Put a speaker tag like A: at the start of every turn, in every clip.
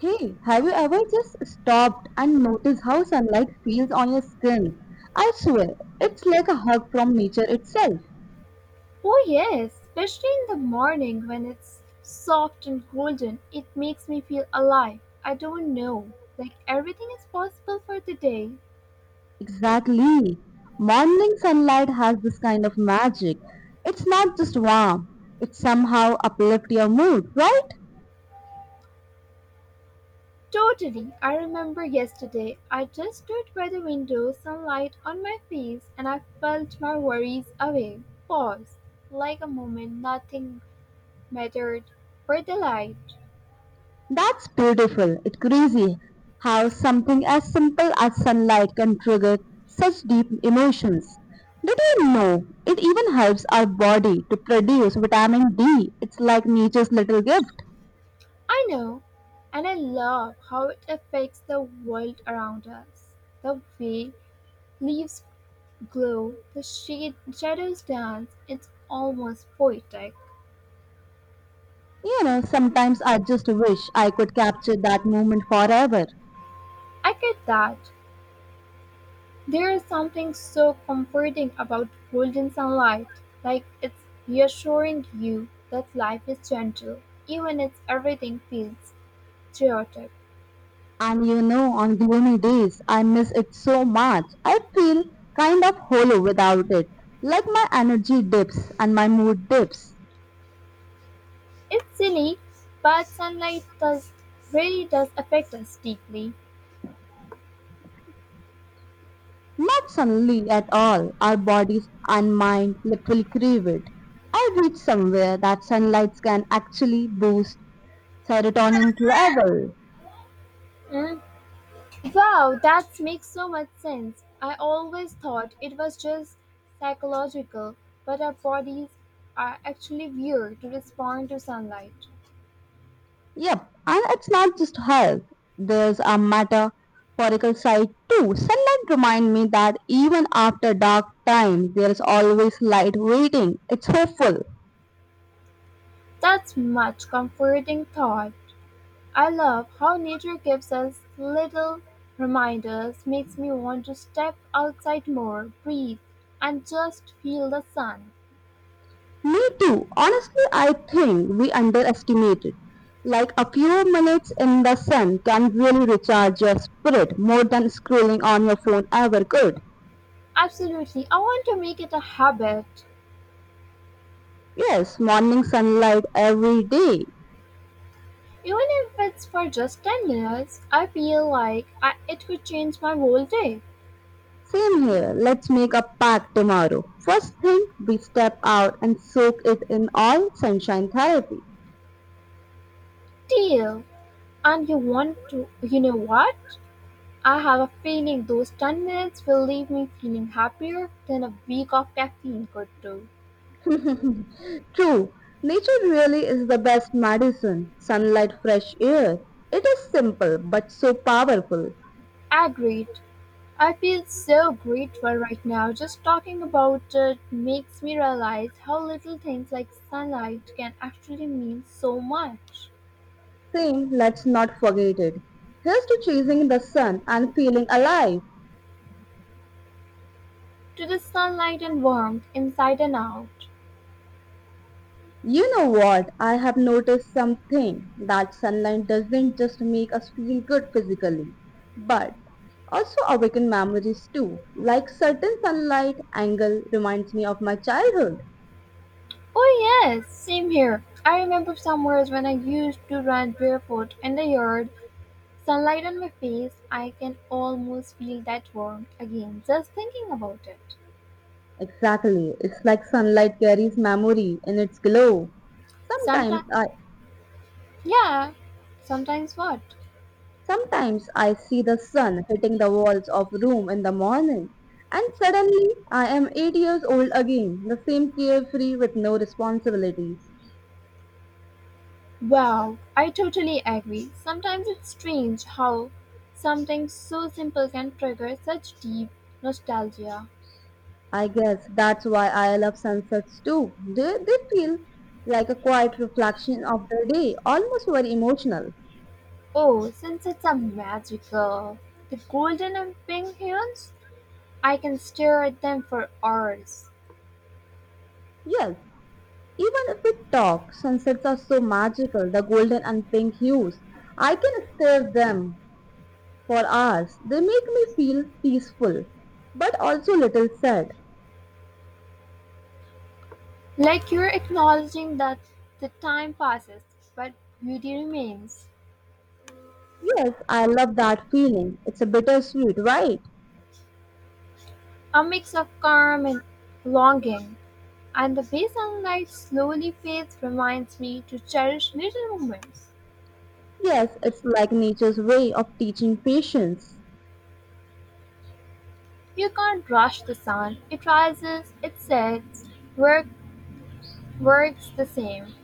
A: Hey, have you ever just stopped and noticed how sunlight feels on your skin? I swear, it's like a hug from nature itself.
B: Oh, yes, especially in the morning when it's soft and golden. It makes me feel alive. I don't know. Like everything is possible for the day.
A: Exactly. Morning sunlight has this kind of magic. It's not just warm, it somehow uplifts your mood, right?
B: Totally. I remember yesterday. I just stood by the window, sunlight on my face, and I felt my worries away. Pause. Like a moment, nothing mattered but the light.
A: That's beautiful. It's crazy how something as simple as sunlight can trigger such deep emotions. Did you know it even helps our body to produce vitamin D? It's like nature's little gift.
B: I know. And I love how it affects the world around us. The way leaves glow, the shadows dance, it's almost poetic.
A: You know, sometimes I just wish I could capture that moment forever.
B: I get that. There is something so comforting about golden sunlight, like it's reassuring you that life is gentle, even if everything feels chaotic.
A: And you know, on gloomy days, I miss it so much. I feel kind of hollow without it. Like my energy dips and my mood dips.
B: It's silly, but sunlight does really does affect us deeply.
A: Not suddenly at all. Our bodies and mind literally crave it. I read somewhere that sunlight can actually boost serotonin level.
B: Mm, wow, that makes so much sense. I always thought it was just psychological, but our bodies are actually weird to respond to sunlight.
A: Yep, and it's not just health. There's a metaphorical side too. Sunlight remind me that even after dark times, there is always light waiting. It's hopeful.
B: That's much comforting thought. I love how nature gives us little reminders, makes me want to step outside more, breathe, and just feel the sun.
A: Me too. Honestly, I think we underestimate it. Like a few minutes in the sun can really recharge your spirit more than scrolling on your phone ever could.
B: Absolutely, I want to make it a habit.
A: Yes, morning sunlight every day.
B: Even if it's for just 10 minutes, I feel like it could change my whole day.
A: Same here. Let's make a pact tomorrow. First thing, we step out and soak it in all sunshine therapy.
B: Deal. And you want to, You know what? I have a feeling those 10 minutes will leave me feeling happier than a week of caffeine could do.
A: True. Nature really is the best medicine. Sunlight, fresh air. It is simple but so powerful.
B: Agreed. I feel so grateful right now. Just talking about it makes me realize how little things like sunlight can actually mean so much.
A: Same, let's not forget it. Here's to chasing the sun and feeling alive.
B: To the sunlight and warmth inside and out.
A: You know what? I have noticed something that sunlight doesn't just make us feel good physically, but also awaken memories too. Like certain sunlight angle reminds me of my childhood.
B: Oh yes, same here. I remember some summers when I used to run barefoot in the yard, sunlight on my face. I can almost feel that warmth again just thinking about it.
A: Exactly, it's like sunlight carries memory in its glow. Sometimes
B: Sometimes,
A: I
B: yeah, sometimes what?
A: Sometimes I see the sun hitting the walls of room in the morning and suddenly I am 8 years old again, the same carefree with no responsibilities.
B: Wow, I totally agree. Sometimes it's strange how something so simple can trigger such deep nostalgia.
A: I guess that's why I love sunsets too. They feel like a quiet reflection of the day, almost very emotional.
B: Oh, since it's a magical, the golden and pink herons, I can stare at them for hours.
A: Yes, even if we talk, sunsets are so magical, the golden and pink hues. I can stare at them for hours. They make me feel peaceful, but also little sad.
B: Like you're acknowledging that the time passes, but beauty remains.
A: Yes, I love that feeling. It's a bittersweet, right?
B: A mix of calm and longing, and the way sunlight slowly fades reminds me to cherish little moments.
A: Yes, it's like nature's way of teaching patience.
B: You can't rush the sun. It rises, it sets, work works the same.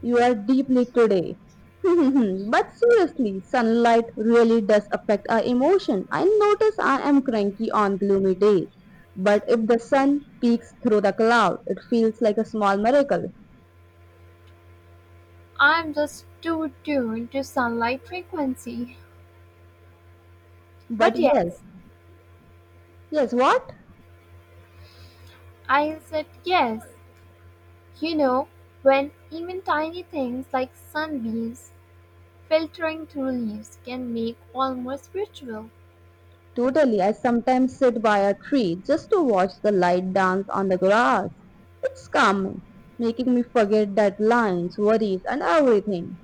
A: You are deeply today. but seriously, sunlight really does affect our emotion. I notice I am cranky on gloomy days. But if the sun peeks through the cloud, it feels like a small miracle.
B: I'm just too tuned to sunlight frequency.
A: But
B: But
A: yes,
B: yes,
A: yes, what?
B: I said yes. You know, when even tiny things like sunbeams filtering through leaves can make almost spiritual.
A: Totally, I sometimes sit by a tree just to watch the light dance on the grass. It's calming, making me forget deadlines, worries, and everything.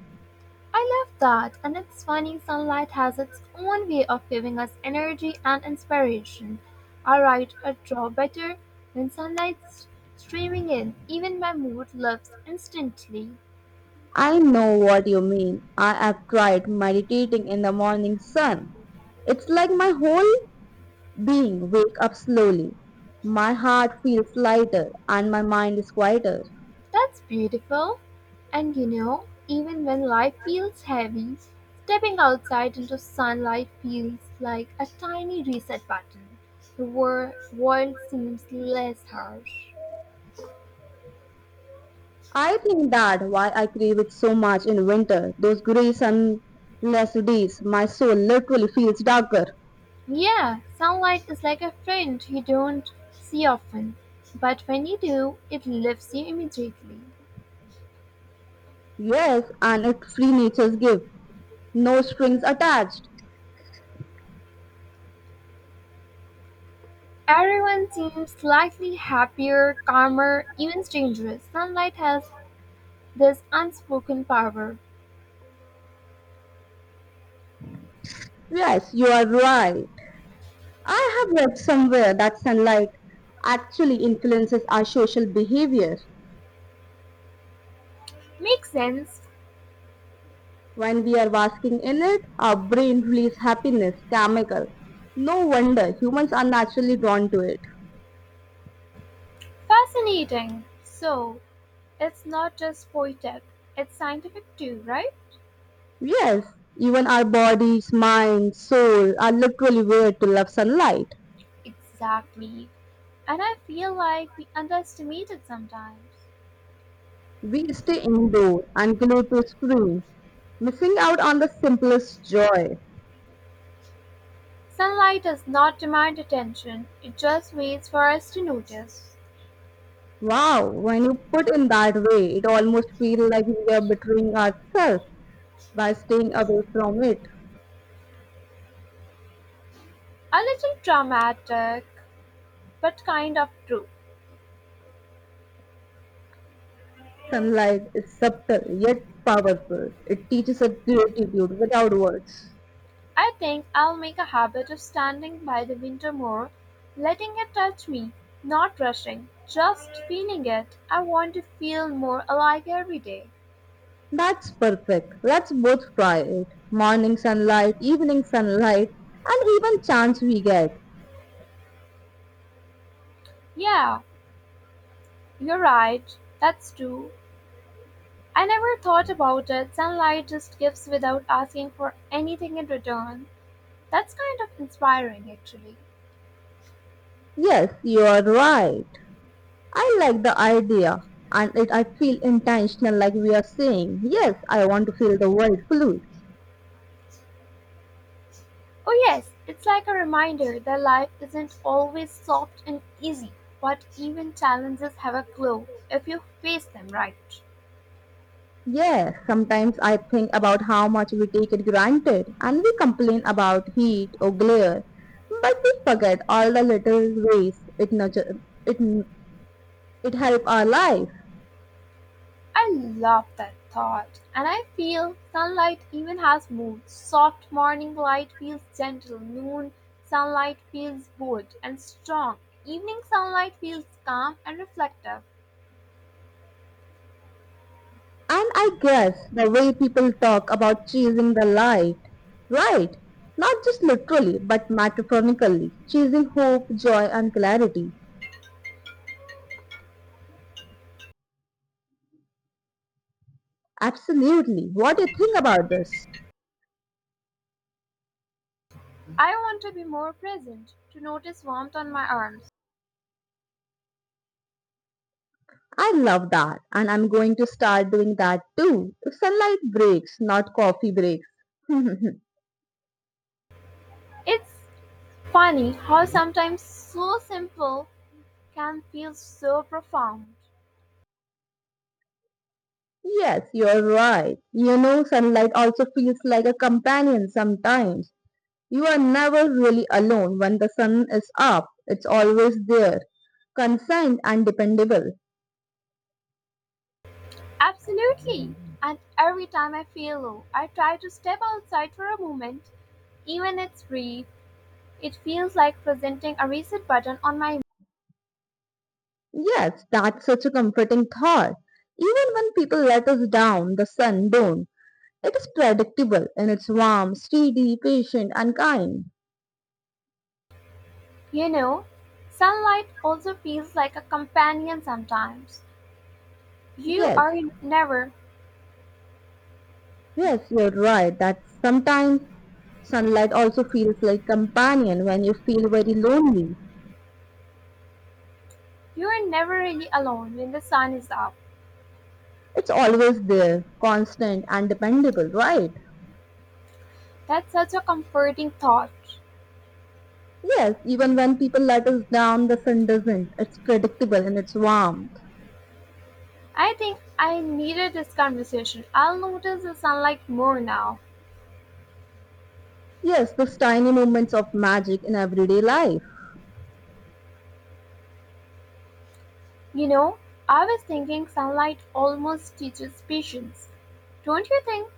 B: I love that, and it's funny, sunlight has its own way of giving us energy and inspiration. I write or draw better when sunlight's streaming in. Even my mood lifts instantly.
A: I know what you mean. I have tried meditating in the morning sun. It's like my whole being wake up slowly. My heart feels lighter and my mind is quieter.
B: That's beautiful. And you know, even when life feels heavy, stepping outside into sunlight feels like a tiny reset button. The world seems less harsh.
A: I think that why I crave it so much in winter. Those gray sunless days, my soul literally feels darker.
B: Yeah, sunlight is like a friend you don't see often, but when you do, it lifts you immediately.
A: Yes, and it's free nature's gift. No strings attached.
B: Everyone seems slightly happier, calmer, even strangers. Sunlight has this unspoken power.
A: Yes, you are right. I have read somewhere that sunlight actually influences our social behavior.
B: Makes sense.
A: When we are basking in it, our brain releases happiness chemical. No wonder humans are naturally drawn to it.
B: Fascinating. So, it's not just poetic, it's scientific too, right?
A: Yes, even our bodies, mind, soul are literally wired to love sunlight.
B: Exactly. And I feel like we underestimate it sometimes.
A: We stay indoor and glued to a screen, missing out on the simplest joy.
B: Sunlight does not demand attention, it just waits for us to notice.
A: Wow, when you put in that way, it almost feels like we are betraying ourselves by staying away from it.
B: A little dramatic, but kind of true.
A: Sunlight is subtle yet powerful. It teaches us gratitude without words.
B: I think I'll make a habit of standing by the window more, letting it touch me, not rushing, just feeling it. I want to feel more alive every day.
A: That's perfect. Let's both try it. Morning sunlight, evening sunlight, and even chance we get.
B: Yeah, you're right, that's true. I never thought about it. Sunlight just gives without asking for anything in return. That's kind of inspiring, actually.
A: Yes, you are right. I like the idea. And it, I feel intentional, like we are saying, yes, I want to feel the world blue.
B: Oh yes, it's like a reminder that life isn't always soft and easy, but even challenges have a glow if you face them right.
A: Yes, sometimes I think about how much we take it granted and we complain about heat or glare, but we forget all the little ways it nurture, it it help our life.
B: I love that thought, and I feel sunlight even has mood. Soft morning light feels gentle, noon sunlight feels bold and strong, evening sunlight feels calm and reflective.
A: And I guess the way people talk about chasing the light, right? Not just literally, but metaphorically, chasing hope, joy, and clarity. Absolutely. What do you think about this?
B: I want to be more present, to notice warmth on my arms.
A: I love that, and I'm going to start doing that too. Sunlight breaks, not coffee breaks.
B: It's funny how sometimes so simple can feel so profound.
A: yes, you're right. You know, sunlight also feels like a companion sometimes. You are never really alone when the sun is up, it's always there, constant and dependable.
B: Absolutely. And every time I feel low, I try to step outside for a moment, even it's brief. It feels like presenting a reset button on my
A: Yes, that's such a comforting thought. Even when people let us down, the sun don't. It is predictable and it's warm, steady, patient, and kind.
B: you know, sunlight also feels like a companion sometimes. You
A: Yes,
B: are never
A: Yes, you're right that sometimes sunlight also feels like companion when you feel very lonely.
B: you are never really alone when the sun is up.
A: It's always there, constant and dependable, right?
B: That's such a comforting thought.
A: Yes, even when people let us down, the sun doesn't. It's predictable and it's warm.
B: I think I needed this conversation. I'll notice the sunlight more now.
A: Yes, those tiny moments of magic in everyday life.
B: You know, I was thinking sunlight almost teaches patience. Don't you think?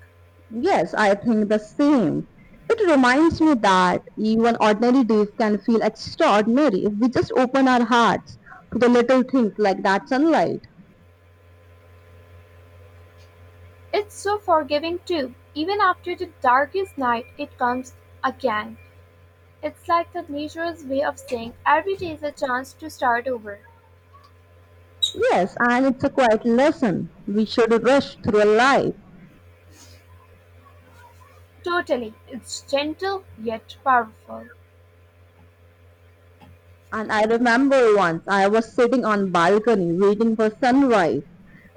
A: Yes, I think the same. It reminds me that even ordinary days can feel extraordinary if we just open our hearts to the little things like that sunlight.
B: It's so forgiving too. Even after the darkest night, it comes again. It's like the nature's way of saying every day is a chance to start over.
A: Yes, and it's a quiet lesson. We should rush through life.
B: Totally. It's gentle yet powerful.
A: And I remember once I was sitting on balcony waiting for sunrise.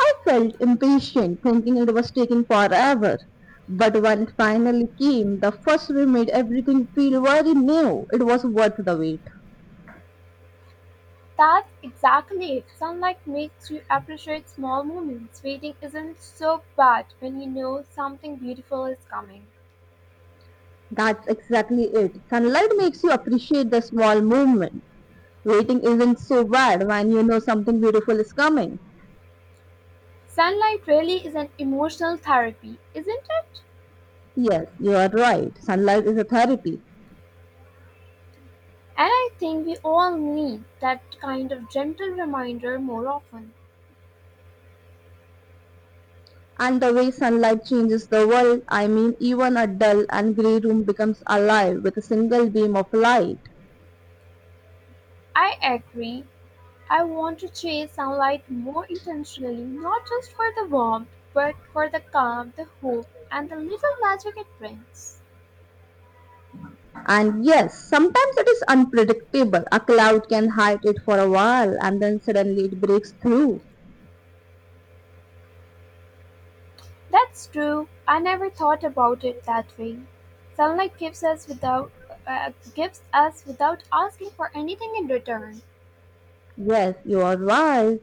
A: I felt impatient, thinking it was taking forever. But when it finally came, the first we made everything feel very new. It was worth the wait.
B: That's exactly it. Sunlight makes you appreciate small moments. Waiting isn't so bad when you know something beautiful is coming.
A: That's exactly it. Sunlight makes you appreciate the small movement. Waiting isn't so bad when you know something beautiful is coming.
B: Sunlight really is an emotional therapy, isn't it?
A: Yes, you are right. Sunlight is a therapy.
B: And I think we all need that kind of gentle reminder more often.
A: And the way sunlight changes the world, I mean, even a dull and grey room becomes alive with a single beam of light.
B: I agree. I want to chase sunlight more intentionally, not just for the warmth, but for the calm, the hope, and the little magic it brings.
A: And yes, sometimes it is unpredictable. A cloud can hide it for a while and then suddenly it breaks through.
B: That's true. I never thought about it that way. Sunlight gives us without Gives us without asking for anything in return.
A: Yes, you are right.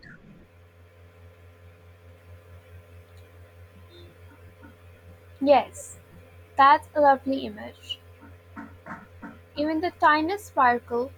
B: Yes, that's a lovely image. Even the tiniest sparkle,